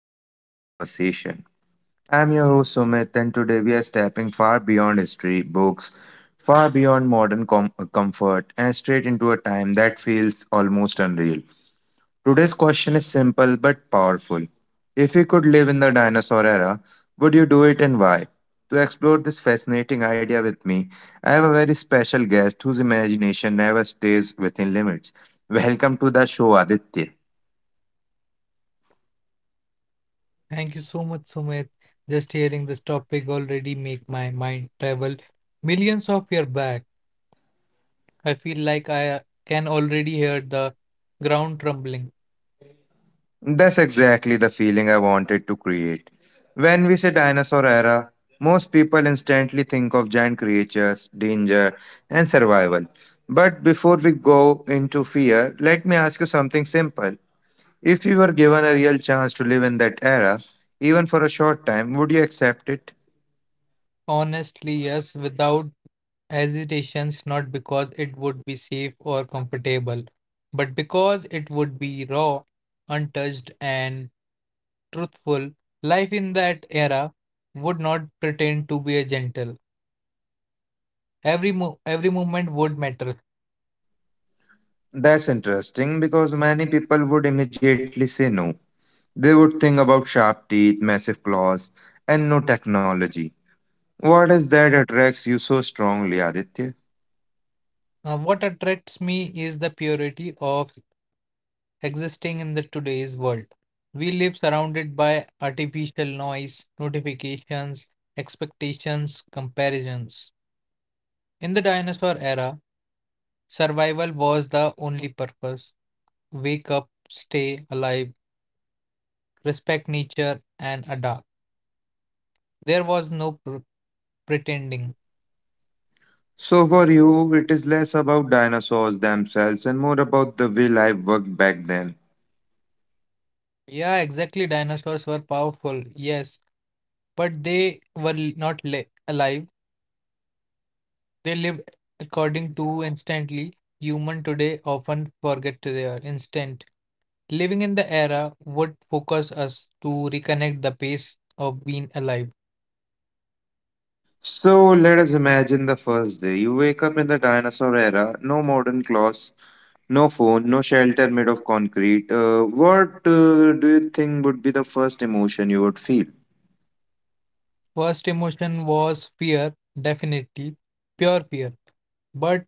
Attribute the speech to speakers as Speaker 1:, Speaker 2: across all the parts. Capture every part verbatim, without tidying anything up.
Speaker 1: and Thoughtful Conversation. I'm your host Sumit, and today we are stepping far beyond history, books, far beyond modern com- comfort, and straight into a time that feels almost unreal. Today's question is simple but powerful. If you could live in the dinosaur era, would you do it and why? To explore this fascinating idea with me, I have a very special guest whose imagination never stays within limits. Welcome to the show, Aditya.
Speaker 2: Thank you so much, Sumit. Just hearing this topic already make my mind travel millions of years back. I feel like I uh, can already hear the ground trembling.
Speaker 1: That's exactly the feeling I wanted to create. When we say dinosaur era, most people instantly think of giant creatures, danger, and survival. But before we go into fear, let me ask you something simple. If you were given a real chance to live in that era, even for a short time, would you accept it?
Speaker 2: Honestly, yes, without hesitations, not because it would be safe or comfortable, but because it would be raw, untouched, and truthful. Life in that era would not pretend to be a gentle. Every mo every movement would matter.
Speaker 1: That's interesting because many people would immediately say no. They would think about sharp teeth, massive claws, and no technology. What is that attracts you so strongly, Aditya?
Speaker 2: Uh, what attracts me is the purity of existing in the today's world. We live surrounded by artificial noise, notifications, expectations, comparisons. In the dinosaur era, survival was the only purpose. Wake up, stay alive, respect nature, and adapt. There was no pr- pretending.
Speaker 1: So, for you, it is less about dinosaurs themselves and more about the way life worked back then.
Speaker 2: Yeah, exactly. Dinosaurs were powerful, yes, but they were l- not li- alive. They lived according to instantly. Human today often forget their instant. Living in the era would focus us to reconnect the pace of being alive.
Speaker 1: So, let us imagine the first day. You wake up in the dinosaur era, no modern claws, no phone, no shelter made of concrete. Uh, what uh, do you think would be the first emotion you would feel?
Speaker 2: First emotion was fear, definitely pure fear, but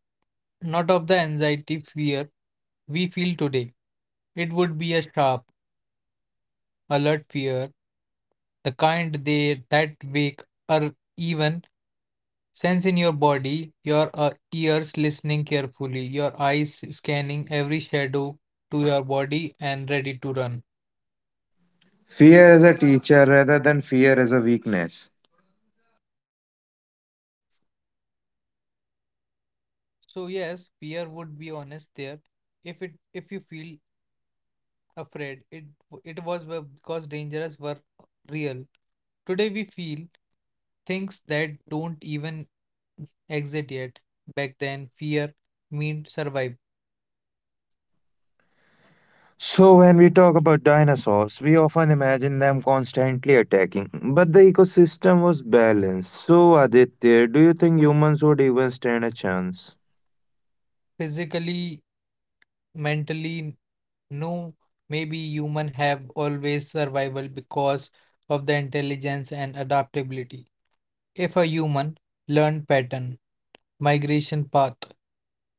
Speaker 2: not of the anxiety fear we feel today. It would be a sharp, alert fear, the kind they that wake or even Sense in your body, your uh, ears listening carefully, your eyes scanning every shadow to your body and ready to run.
Speaker 1: Fear as a teacher rather than fear as a weakness.
Speaker 2: So yes, Pierre would be honest there. If it if you feel afraid, it it was be- because dangers were real. Today we feel things that don't even exist yet. Back then, fear meant survive
Speaker 1: So, when we talk about dinosaurs, we often imagine them constantly attacking, but the ecosystem was balanced. So, Aditya, do you think humans would even stand a chance?
Speaker 2: physically, mentally. No, maybe human have always survival because of the intelligence and adaptability. If a human learned pattern, migration path,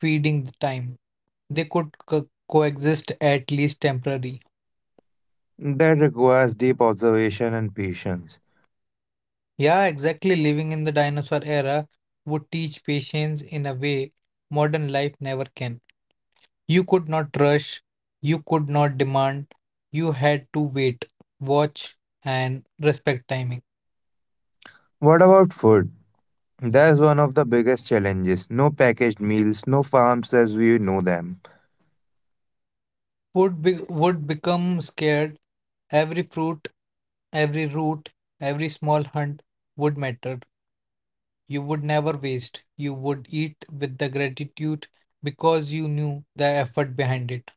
Speaker 2: feeding time, they could co- coexist at least temporary.
Speaker 1: That requires deep observation and patience.
Speaker 2: Yeah, exactly. Living in the dinosaur era would teach patience in a way modern life never can. You could not rush, you could not demand, you had to wait, watch, and respect timing.
Speaker 1: What about food? That's one of the biggest challenges. No packaged meals, no farms as we know them.
Speaker 2: would be would become scared. Every fruit, every root, every small hunt would matter. You would never waste. You would eat with the gratitude because you knew the effort behind it.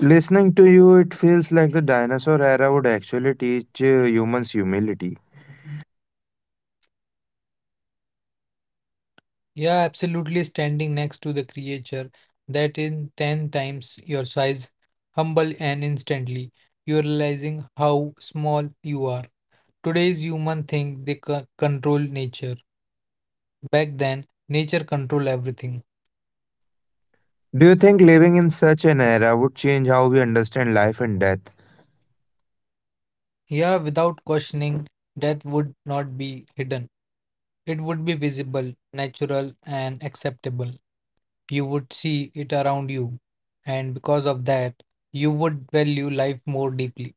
Speaker 1: Listening to you, it feels like the dinosaur era would actually teach uh, humans humility.
Speaker 2: Yeah, absolutely. Standing next to the creature that in ten times your size, humble and instantly, you realizing how small you are. Today's human think they co- control nature. Back then, nature controlled everything.
Speaker 1: Do you think living in such an era would change how we understand life and death?
Speaker 2: Yeah, without questioning, death would not be hidden. It would be visible, natural, and acceptable. You would see it around you, and because of that, you would value life more deeply.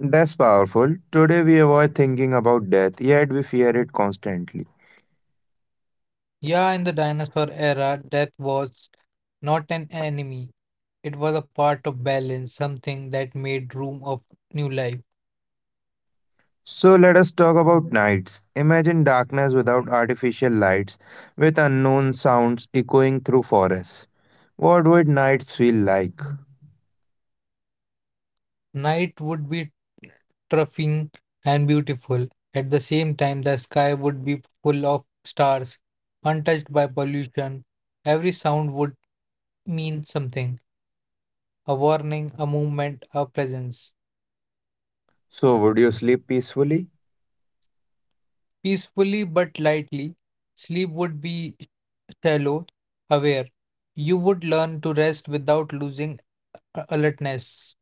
Speaker 1: That's powerful. Today we avoid thinking about death, yet we fear it constantly.
Speaker 2: Yeah, in the dinosaur era, death was not an enemy, it was a part of balance, something that made room of new life.
Speaker 1: So, let us talk about nights. Imagine darkness without artificial lights, with unknown sounds echoing through forests. What would nights feel like?
Speaker 2: Night would be terrifying and beautiful. At the same time, the sky would be full of stars, untouched by pollution. Every sound would mean something a warning, a movement, a presence.
Speaker 1: So, would you sleep peacefully?
Speaker 2: Peacefully but lightly, sleep would be shallow, aware. You would learn to rest without losing a- alertness.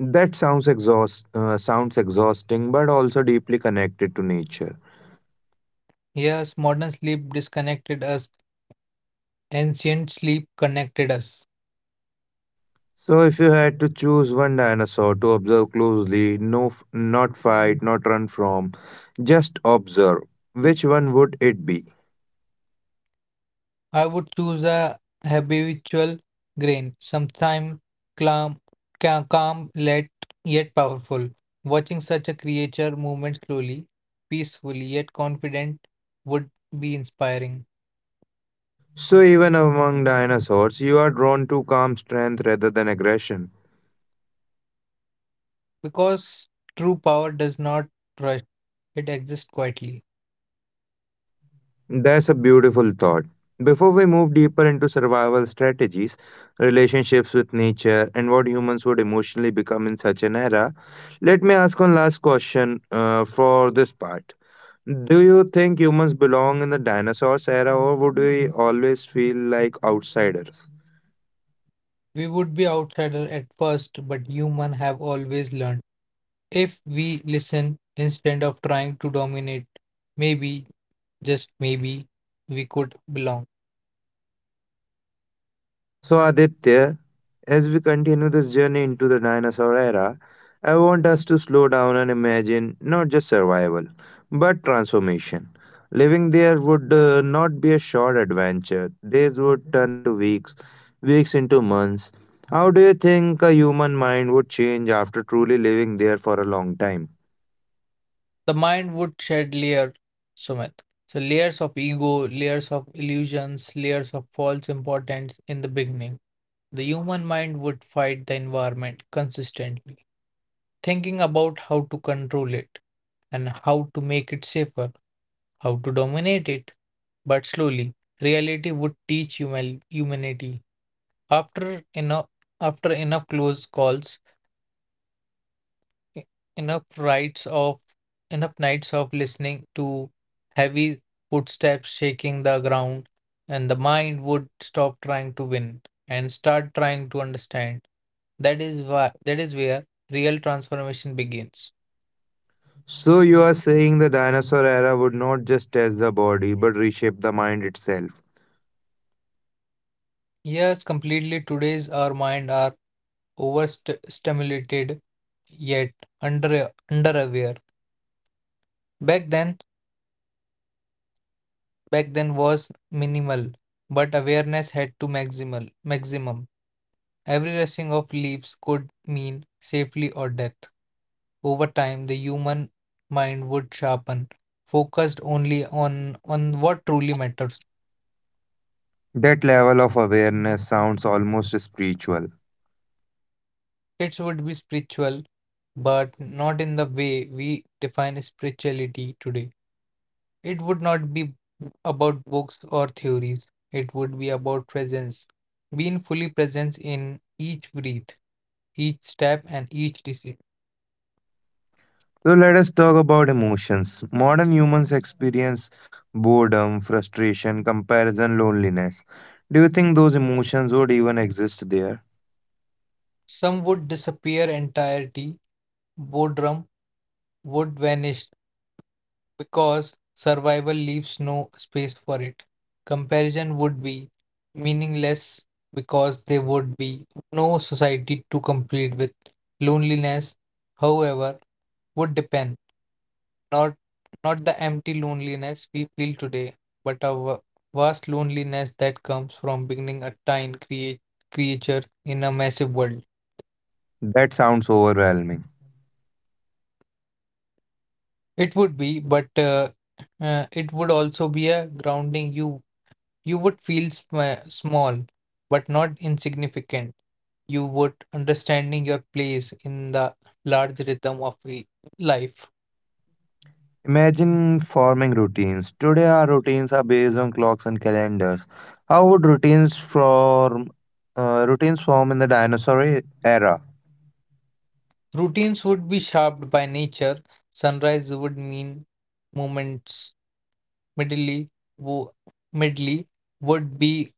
Speaker 1: That sounds exhaust uh, sounds exhausting, but also deeply connected to nature.
Speaker 2: Yes, modern sleep disconnected us, ancient sleep connected us.
Speaker 1: So, if you had to choose one dinosaur to observe closely, no, f- not fight, not run from, just observe, which one would it be?
Speaker 2: I would choose a habitual grain, sometime calm, ca- calm yet, yet powerful. Watching such a creature movement slowly, peacefully yet confident would be inspiring
Speaker 1: So, even among dinosaurs, you are drawn to calm strength rather than aggression.
Speaker 2: because true power does not rush, it exists quietly.
Speaker 1: That's a beautiful thought. Before we move deeper into survival strategies, relationships with nature, and what humans would emotionally become in such an era, let me ask one last question uh, for this part. Do you think humans belong in the dinosaurs era, or would we always feel like outsiders?
Speaker 2: We would be outsider at first, but human have always learned. If we listen instead of trying to dominate, maybe, just maybe, we could belong.
Speaker 1: So, Aditya, as we continue this journey into the dinosaur era, I want us to slow down and imagine not just survival, but transformation. Living there would uh, not be a short adventure. Days would turn into weeks, weeks into months. How do you think a human mind would change after truly living there for a long time?
Speaker 2: the mind would shed layer, Sumit. So layers of ego, layers of illusions, layers of false importance in the beginning. The human mind would fight the environment consistently, thinking about how to control it and how to make it safer, how to dominate it. But slowly, reality would teach human humanity. After enough, after enough close calls, e- enough rights of enough nights of listening to heavy footsteps shaking the ground, and the mind would stop trying to win and start trying to understand. That is why that is where real transformation begins.
Speaker 1: So, you are saying the dinosaur era would not just test the body but reshape the mind itself.
Speaker 2: Yes, completely today's our mind are overstimulated yet under under aware. Back then back then was minimal, but awareness had to maximal maximum. Every rusting of leaves could mean safely or death. Over time, the human mind would sharpen, focused only on, on what truly matters.
Speaker 1: That level of awareness sounds almost spiritual.
Speaker 2: Kids would be spiritual, but not in the way we define spirituality today. It would not be about books or theories, it would be about presence, being fully present in each breath each step and each decision.
Speaker 1: So, let us talk about emotions. Modern humans experience boredom, frustration, comparison, loneliness. Do you think those emotions would even exist there?
Speaker 2: Some would disappear entirety, boredom wood vanished because survival leaves no space for it. Comparison would be meaningless because there would be no society to complete with. Loneliness, however, would depend not not the empty loneliness we feel today, but a va- vast loneliness that comes from being a tiny create, creature in a massive world.
Speaker 1: That sounds overwhelming.
Speaker 2: It would be, but uh, uh, it would also be a grounding you You would feel sma small, but not insignificant. You would understanding your place in the large rhythm of i- life.
Speaker 1: Imagine forming routines. Today, our routines are based on clocks and calendars. How would routines form, uh, routines form in the dinosaur era?
Speaker 2: Routines would be shaped by nature. Sunrise would mean moments. Midday, wo- midday would be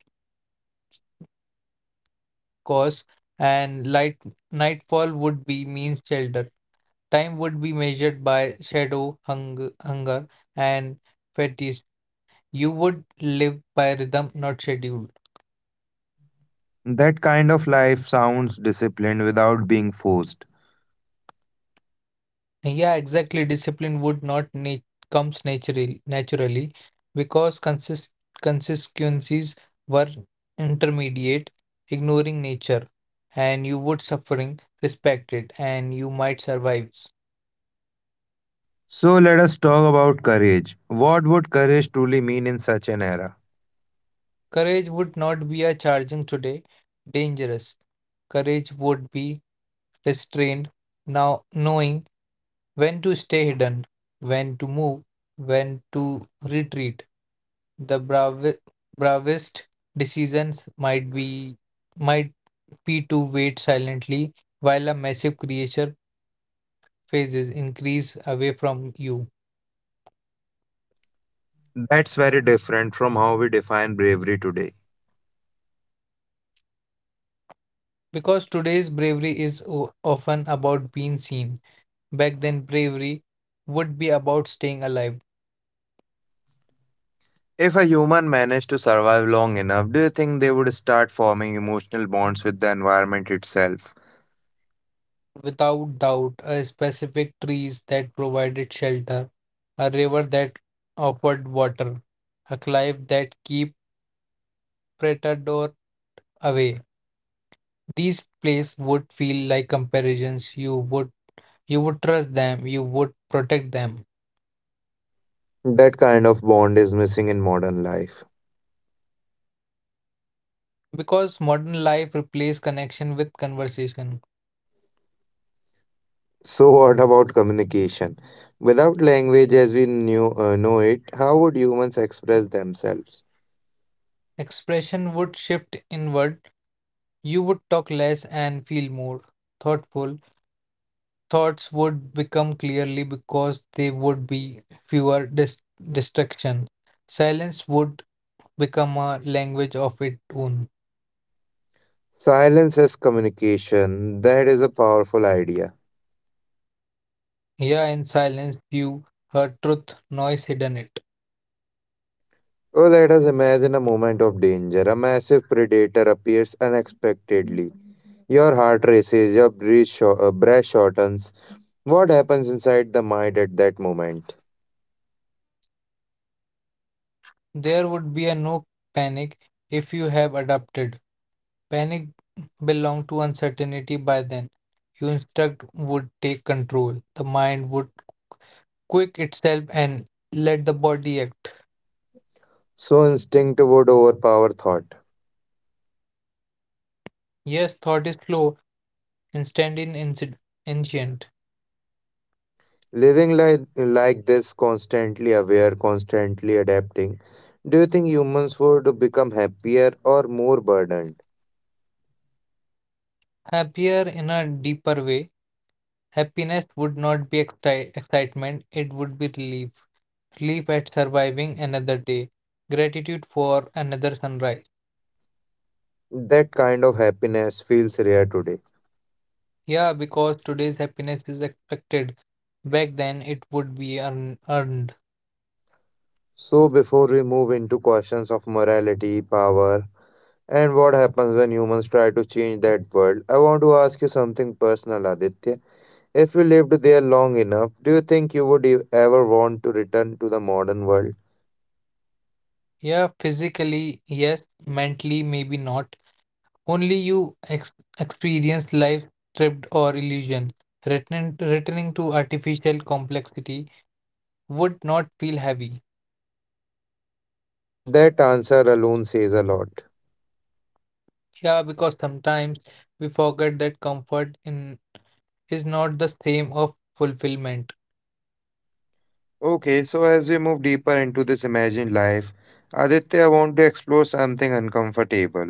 Speaker 2: cause, and light nightfall would be mean shelter. Time would be measured by shadow, hung, hunger, and fatigue. You would live by rhythm, not schedule.
Speaker 1: That kind of life sounds disciplined without being forced.
Speaker 2: Yeah, exactly. Discipline would not na comes naturally naturally because consist consequences were intermediate, ignoring nature, and you would suffering respect it, and you might survive.
Speaker 1: So, let us talk about courage. What would courage truly mean in such an era?
Speaker 2: Courage would not be a charging today, dangerous. Courage would be restrained, now knowing when to stay hidden, when to move, when to retreat. The bravi- bravest decisions might be might be to wait silently while a massive creature phases increase away from you.
Speaker 1: That's very different from how we define bravery today.
Speaker 2: Because today's bravery is o- often about being seen. Back then, bravery would be about staying alive.
Speaker 1: If a human managed to survive long enough, do you think they would start forming emotional bonds with the environment itself?
Speaker 2: Without doubt, a specific trees that provided shelter, a river that offered water, a cliff that keep predator away. These plays would feel like comparisons. You would you would trust them, you would protect them.
Speaker 1: That kind of bond is missing in modern life.
Speaker 2: Because modern life replaced connection with conversation.
Speaker 1: So, what about communication? Without language as we knew, uh, know it, how would humans express themselves?
Speaker 2: Expression would shift inward. You would talk less and feel more thoughtful. Thoughts would become clearly because they would be fewer dis- distraction. Silence would become a language of its own.
Speaker 1: Silence as communication, that is a powerful idea.
Speaker 2: Here in silence you heard truth, noise hidden it.
Speaker 1: Oh, let us imagine a moment of danger. A massive predator appears unexpectedly. Your heart races, your breath, shor- uh, breath shortens. What happens inside the mind at that moment?
Speaker 2: There would be a no panic if you have adapted. Panic belonged to uncertainty by then. Your instinct would take control. The mind would quick itself and let the body act.
Speaker 1: So, instinct would overpower thought.
Speaker 2: Yes, thought is slow, instant in inci- ancient.
Speaker 1: Living like, like this, constantly aware, constantly adapting, do you think humans would become happier or more burdened?
Speaker 2: Happier in a deeper way. Happiness would not be exci- excitement, it would be relief. Relief at surviving another day. Gratitude for another sunrise.
Speaker 1: That kind of happiness feels rare today.
Speaker 2: Yeah, because today's happiness is expected. Back then, it would be earn earned.
Speaker 1: So, before we move into questions of morality, power, and what happens when humans try to change that world? I want to ask you something personal, Aditya. If you lived there long enough, do you think you would e- ever want to return to the modern world?
Speaker 2: Yeah, physically, yes, mentally, maybe not. Only you ex experience life stripped or illusion. Returning, returning to artificial complexity would not feel heavy.
Speaker 1: That answer alone says a lot.
Speaker 2: Yeah, because sometimes we forget that comfort in is not the same of fulfillment.
Speaker 1: Okay, so as we move deeper into this imagined life, Aditya, I want to explore something uncomfortable.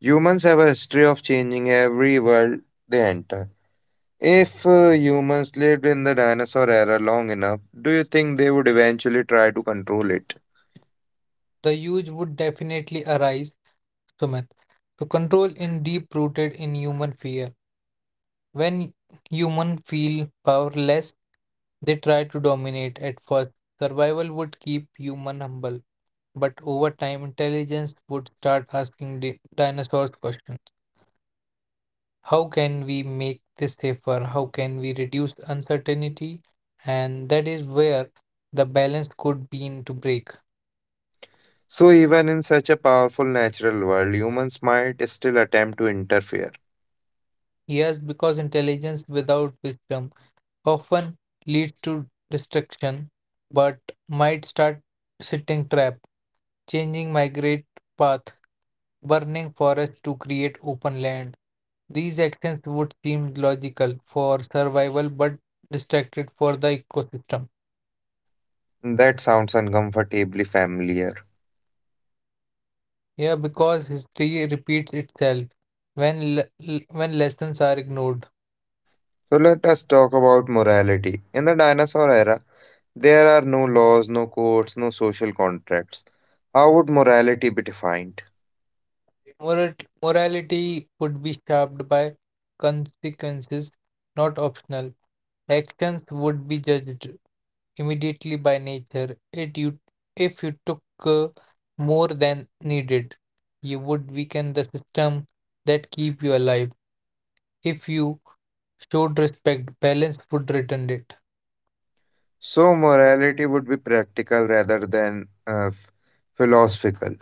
Speaker 1: Humans have a history of changing every world they enter. If uh, humans lived in the dinosaur era long enough, do you think they would eventually try to control it?
Speaker 2: The huge would definitely arise, Sumit. So control in deep rooted in human fear. When humans feel powerless, they try to dominate at first. Survival would keep human humble, but over time, intelligence would start asking di- dinosaurs questions. How can we make this safer? How can we reduce uncertainty? And that is where the balance could begin to break.
Speaker 1: So, even in such a powerful natural world, humans might still attempt to interfere.
Speaker 2: Yes, because intelligence without wisdom often leads to destruction, but might start sitting trap. Changing migrate path, burning forests to create open land. These actions would seem logical for survival but distracted for the ecosystem.
Speaker 1: That sounds uncomfortably familiar.
Speaker 2: Yeah, because history repeats itself when le- l- when lessons are ignored.
Speaker 1: So, let us talk about morality. In the dinosaur era, there are no laws, no courts, no social contracts. How would morality be defined?
Speaker 2: Moral- morality would be shaped by consequences, not optional. Actions would be judged immediately by nature. It you, if you took uh, more than needed, you would weaken the system that keep you alive. If you showed respect, balance would return it.
Speaker 1: So, morality would be practical rather than uh, f- philosophical.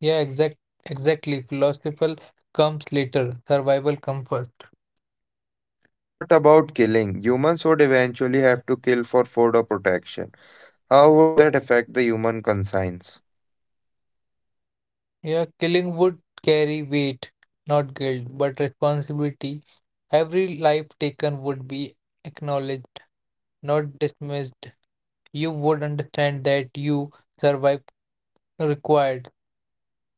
Speaker 2: Yeah, exact, exactly. Philosophical comes later. Survival comes first.
Speaker 1: What about killing? Humans would eventually have to kill for food or protection. How would that affect the human conscience?
Speaker 2: Yeah, killing would carry weight, not guilt, but responsibility. Every life taken would be acknowledged, not dismissed. You would understand that you survived required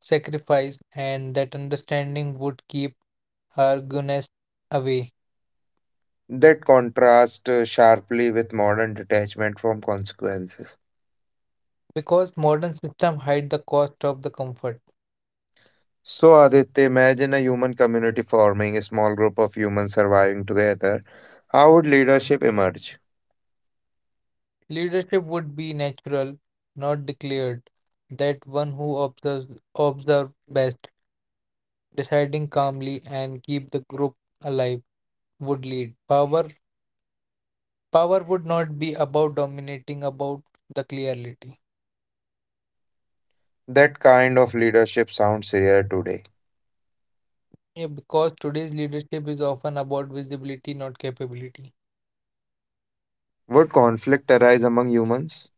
Speaker 2: sacrifice, and that understanding would keep arguments away.
Speaker 1: That contrasts uh, sharply with modern detachment from consequences.
Speaker 2: Because modern system hide the cost of the comfort.
Speaker 1: So, Aditya, imagine a human community forming, a small group of humans surviving together. How would leadership emerge?
Speaker 2: Leadership would be natural, not declared. That one who observes observe best, deciding calmly and keep the group alive would lead. Power power would not be about dominating, about the clarity.
Speaker 1: That kind of leadership sounds rare today.
Speaker 2: Yeah, because today's leadership is often about visibility, not capability.
Speaker 1: Would conflict arise among humans?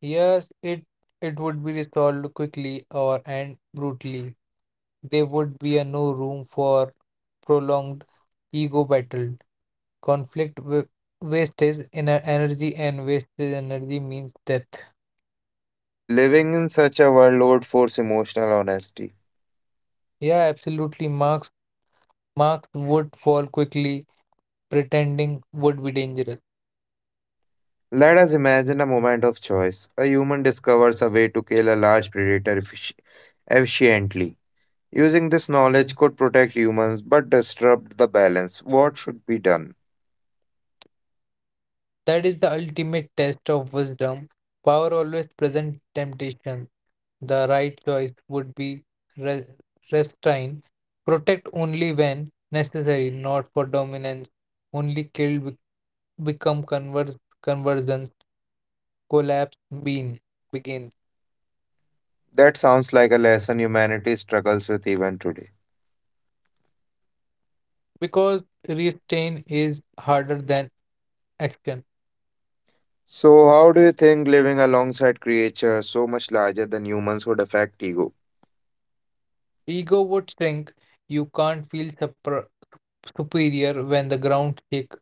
Speaker 2: Yes, it it would be resolved quickly or and brutally. There would be a no room for prolonged ego battle. Conflict wa- wastage in energy and wasted energy means death.
Speaker 1: Living in such a world would force emotional honesty.
Speaker 2: Yeah, absolutely. Marks marks would fall quickly. Pretending would be dangerous.
Speaker 1: Let us imagine a moment of choice. A human discovers a way to kill a large predator effic- efficiently. Using this knowledge could protect humans but disrupt the balance. What should be done?
Speaker 2: That is the ultimate test of wisdom. Power always present temptation. The right choice would be re- restrain, protect only when necessary, not for dominance. Only killed be- become converse, conversions, collapse Bean begin
Speaker 1: That sounds like a lesson humanity struggles with even today.
Speaker 2: because restrain is harder than action.
Speaker 1: So, how do you think living alongside creatures so much larger than humans would affect ego?
Speaker 2: Ego would shrink. You can't feel supra- superior when the ground shake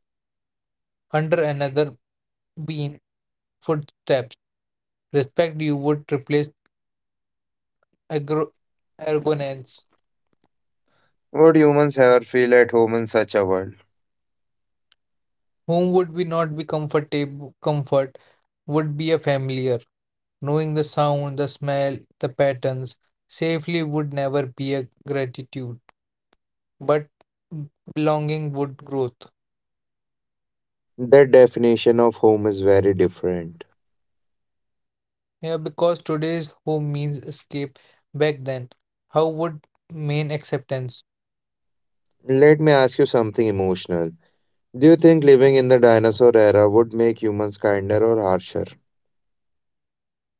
Speaker 2: under another bean footsteps. Respect you would replace agro arrogance.
Speaker 1: Would humans ever feel at home in such a world?
Speaker 2: Whom would we not be comfortable comfort would be a familiar, knowing the sound, the smell, the patterns. Safely would never be a gratitude, but belonging would growth.
Speaker 1: That definition of home is very different.
Speaker 2: Yeah, because today's home means escape back then. How would mean acceptance?
Speaker 1: Let me ask you something emotional. Do you think living in the dinosaur era would make humans kinder or harsher?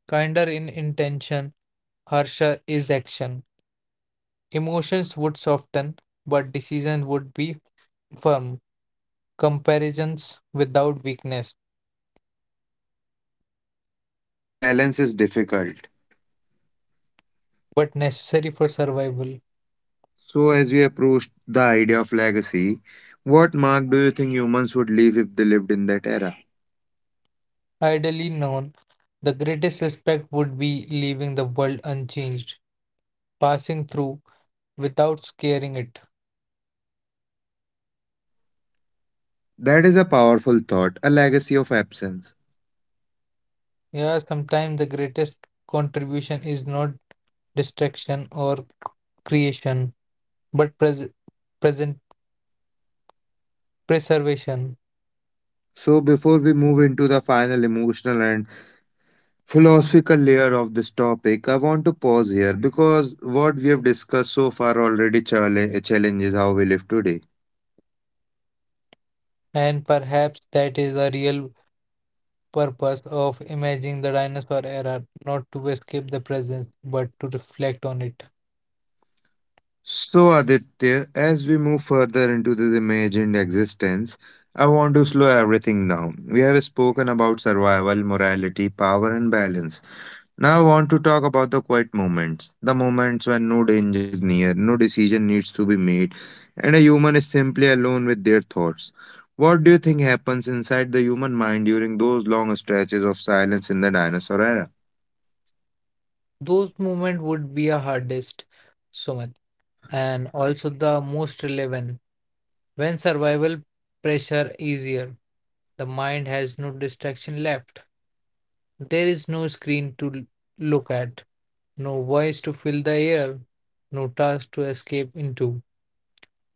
Speaker 2: Kinder in intention, harsher is action. Emotions would soften, but decisions would be firm. Comparisons without weakness
Speaker 1: That balance is difficult.
Speaker 2: but necessary for survival.
Speaker 1: So, as we approach the idea of legacy, what mark do you think humans would leave if they lived in that era?
Speaker 2: Ideally known, the greatest respect would be leaving the world unchanged, passing through without scaring it.
Speaker 1: That is a powerful thought, a legacy of absence.
Speaker 2: Yeah, sometimes the greatest contribution is not destruction or creation, but pres- present preservation.
Speaker 1: So, before we move into the final emotional and philosophical layer of this topic, I want to pause here because what we have discussed so far already challenge, challenges how we live today.
Speaker 2: And perhaps that is the real purpose of imagining the dinosaur era, not to escape the present, but to reflect on it.
Speaker 1: So, Aditya, as we move further into this imagined existence, I want to slow everything down. We have spoken about survival, morality, power, and balance. Now, I want to talk about the quiet moments, the moments when no danger is near, no decision needs to be made, and a human is simply alone with their thoughts. What do you think happens inside the human mind during those long stretches of silence in the dinosaur era?
Speaker 2: Those moments would be a hardest. So much, and also the most relevant. When survival pressure easier, the mind has no distraction left. There is no screen to l- look at, no voice to fill the air, no task to escape into.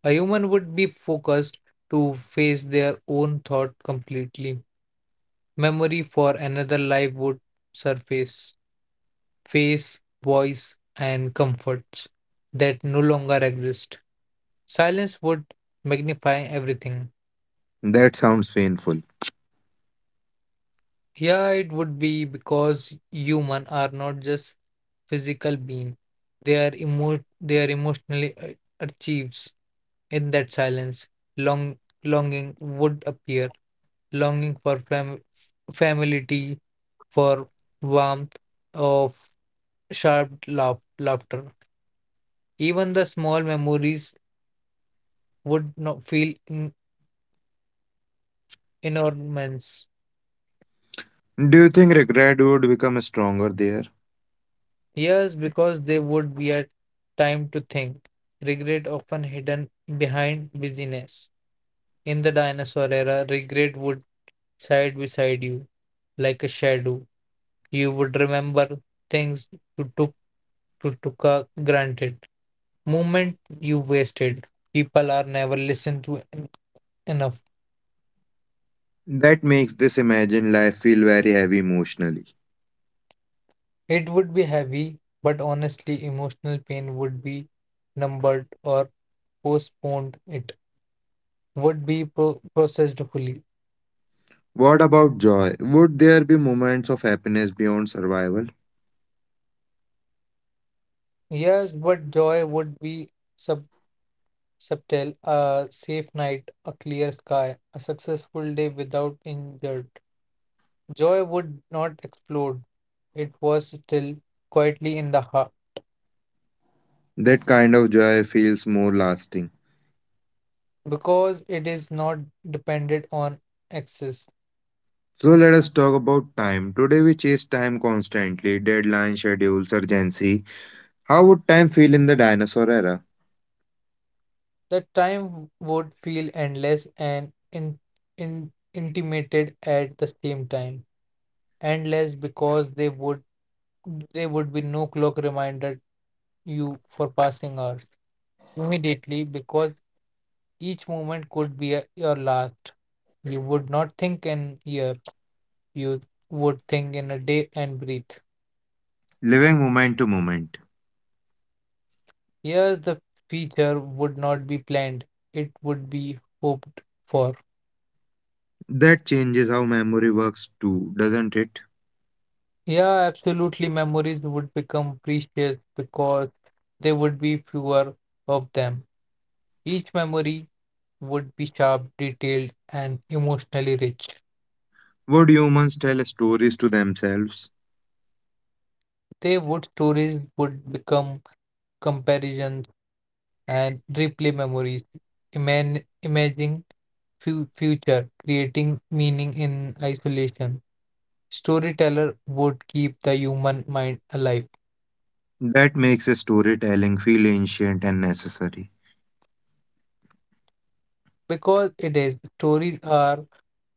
Speaker 2: A human would be focused to face their own thought completely. Memory for another life would surface, face, voice, and comforts that no longer exist. Silence would magnify everything.
Speaker 1: That sounds painful.
Speaker 2: Yeah, it would be because human are not just physical being. They are emo- they are emotionally a- achieves in that silence. Long longing would appear, longing for fam- familiarity, for warmth of sharp laugh- laughter. Even the small memories would not feel in- enormous.
Speaker 1: Do you think regret would become stronger there?
Speaker 2: Yes, because they would be a time to think. Regret often hidden behind busyness. In the dinosaur era, regret would side beside you like a shadow. You would remember things you took to took uh, granted. Moment you wasted. People are never listened to en- enough.
Speaker 1: That makes this imagined life feel very heavy emotionally.
Speaker 2: It would be heavy, but honestly, emotional pain would be numbered or postponed. It would be pro- processed fully.
Speaker 1: What about joy? Would there be moments of happiness beyond survival?
Speaker 2: Yes, but joy would be sub subtle, a safe night, a clear sky, a successful day without injured. Joy would not explode. It was still quietly in the heart
Speaker 1: That kind of joy feels more lasting.
Speaker 2: because it is not dependent on access.
Speaker 1: So, let us talk about time. Today we chase time constantly, deadlines, schedules, urgency. How would time feel in the dinosaur era?
Speaker 2: The time would feel endless and in, in, intimated at the same time. Endless because they would there would be no clock reminder you for passing hours. Immediately because each moment could be a, your last. You would not think in year, you would think in a day and breathe.
Speaker 1: Living moment to moment.
Speaker 2: Yes, the feature would not be planned, it would be hoped for.
Speaker 1: That changes how memory works too, doesn't it?
Speaker 2: Yeah, absolutely. Memories would become precious because there would be fewer of them. Each memory would be sharp, detailed, and emotionally rich.
Speaker 1: Would humans tell stories to themselves?
Speaker 2: They would Stories would become comparisons and replay memories, iman- imaging fu- future, creating meaning in isolation. Storyteller would keep the human mind alive
Speaker 1: That makes a storytelling feel ancient and necessary.
Speaker 2: because it is stories are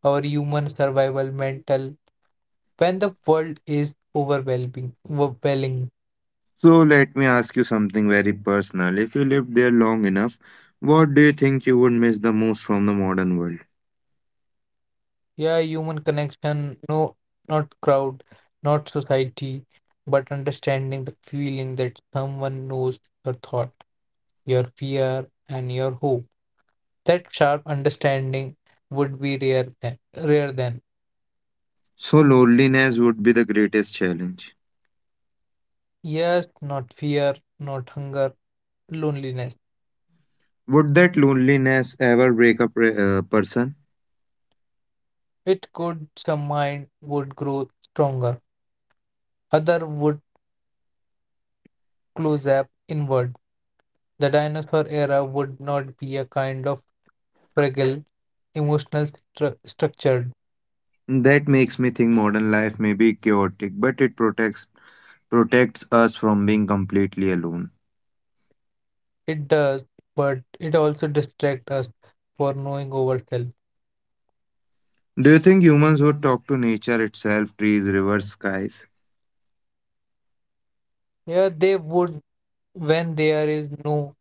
Speaker 2: our human survival mental. When the world is overwhelming, overwhelming,
Speaker 1: So, let me ask you something very personal. If you lived there long enough, what do you think you would miss the most from the modern world?
Speaker 2: yeah, human connection, no, not crowd, not society, but understanding the feeling that someone knows your thought, your fear, and your hope. That sharp understanding would be rare then. Rare then.
Speaker 1: So, loneliness would be the greatest challenge.
Speaker 2: Yes, not fear, not hunger, loneliness.
Speaker 1: Would that loneliness ever break up a uh, person?
Speaker 2: It could some mind would grow stronger. Other would close up inward. The dinosaur era would not be a kind of fragile, emotional stru- structured.
Speaker 1: That makes me think modern life may be chaotic, but it protects protects us from being completely alone.
Speaker 2: It does, but it also distracts us for knowing ourselves.
Speaker 1: Do you think humans would talk to nature itself, trees, rivers, skies?
Speaker 2: Yeah, they would when there is no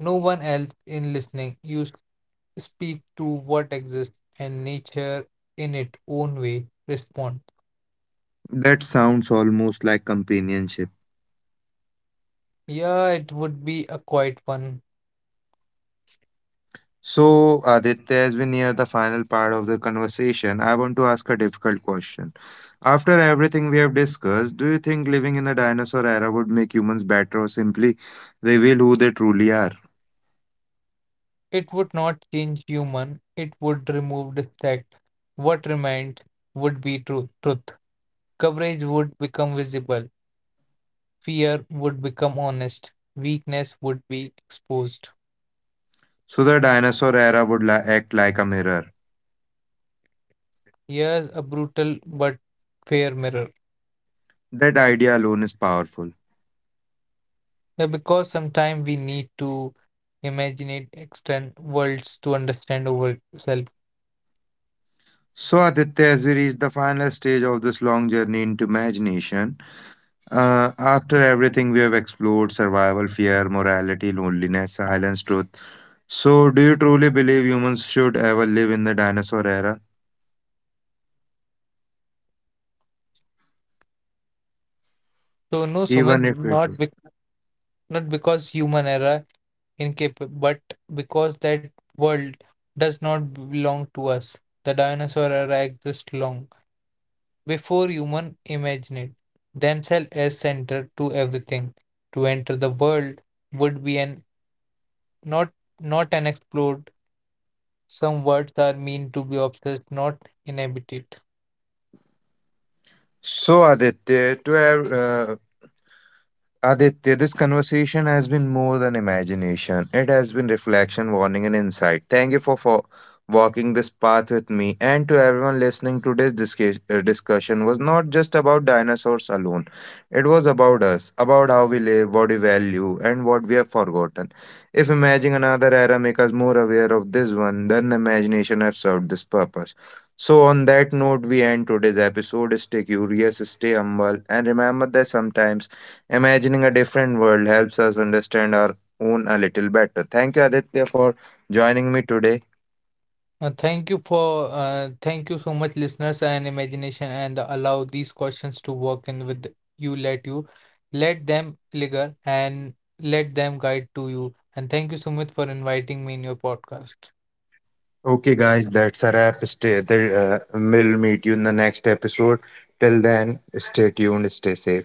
Speaker 2: no one else in listening. You speak to what exists and nature in its own way respond.
Speaker 1: That sounds almost like companionship.
Speaker 2: Yeah, it would be a quiet one.
Speaker 1: So, Aditya, as we near the final part of the conversation, I want to ask a difficult question. After everything we have discussed, do you think living in the dinosaur era would make humans better or simply reveal who they truly are?
Speaker 2: It would not change human. It would remove distract. What remained would be truth. truth. Coverage would become visible. Fear would become honest. Weakness would be exposed.
Speaker 1: So, the dinosaur era would li- act like a mirror.
Speaker 2: Yes, a brutal but fair mirror.
Speaker 1: That idea alone is powerful.
Speaker 2: Yeah, because sometimes we need to imagine external worlds to understand ourselves.
Speaker 1: So, Aditya, as we reach the final stage of this long journey into imagination, uh, after everything we have explored survival, fear, morality, loneliness, silence, truth. So, do you truly believe humans should ever live in the dinosaur era?
Speaker 2: So no,
Speaker 1: Even
Speaker 2: Sumit,
Speaker 1: if it
Speaker 2: not
Speaker 1: was.
Speaker 2: bec not because human error incapable, but because that world does not belong to us. The dinosaur era exists long before human imagined themselves as center to everything. To enter the world would be an not not an explored. Some words are meant to be obsessed, not inhabited.
Speaker 1: So, Aditya, to have, uh, Aditya, this conversation has been more than imagination. It has been reflection, warning, and insight. Thank you for, for walking this path with me. And to everyone listening, today's disca- uh, discussion was not just about dinosaurs alone. It was about us, about how we live, what we value, and what we have forgotten. If imagining another era makes us more aware of this one, then the imagination has served this purpose. So, on that note, we end today's episode. Stay curious, stay humble, and remember that sometimes imagining a different world helps us understand our own a little better. Thank you, Aditya, for joining me today.
Speaker 2: Uh, thank you for uh, thank you so much, listeners, and imagination, and allow these questions to work in with you. Let you let them linger and let them guide to you. And thank you so much for inviting me in your podcast.
Speaker 1: Okay, guys, that's a wrap. Stay there. Uh, we'll meet you in the next episode. Till then, stay tuned, stay safe.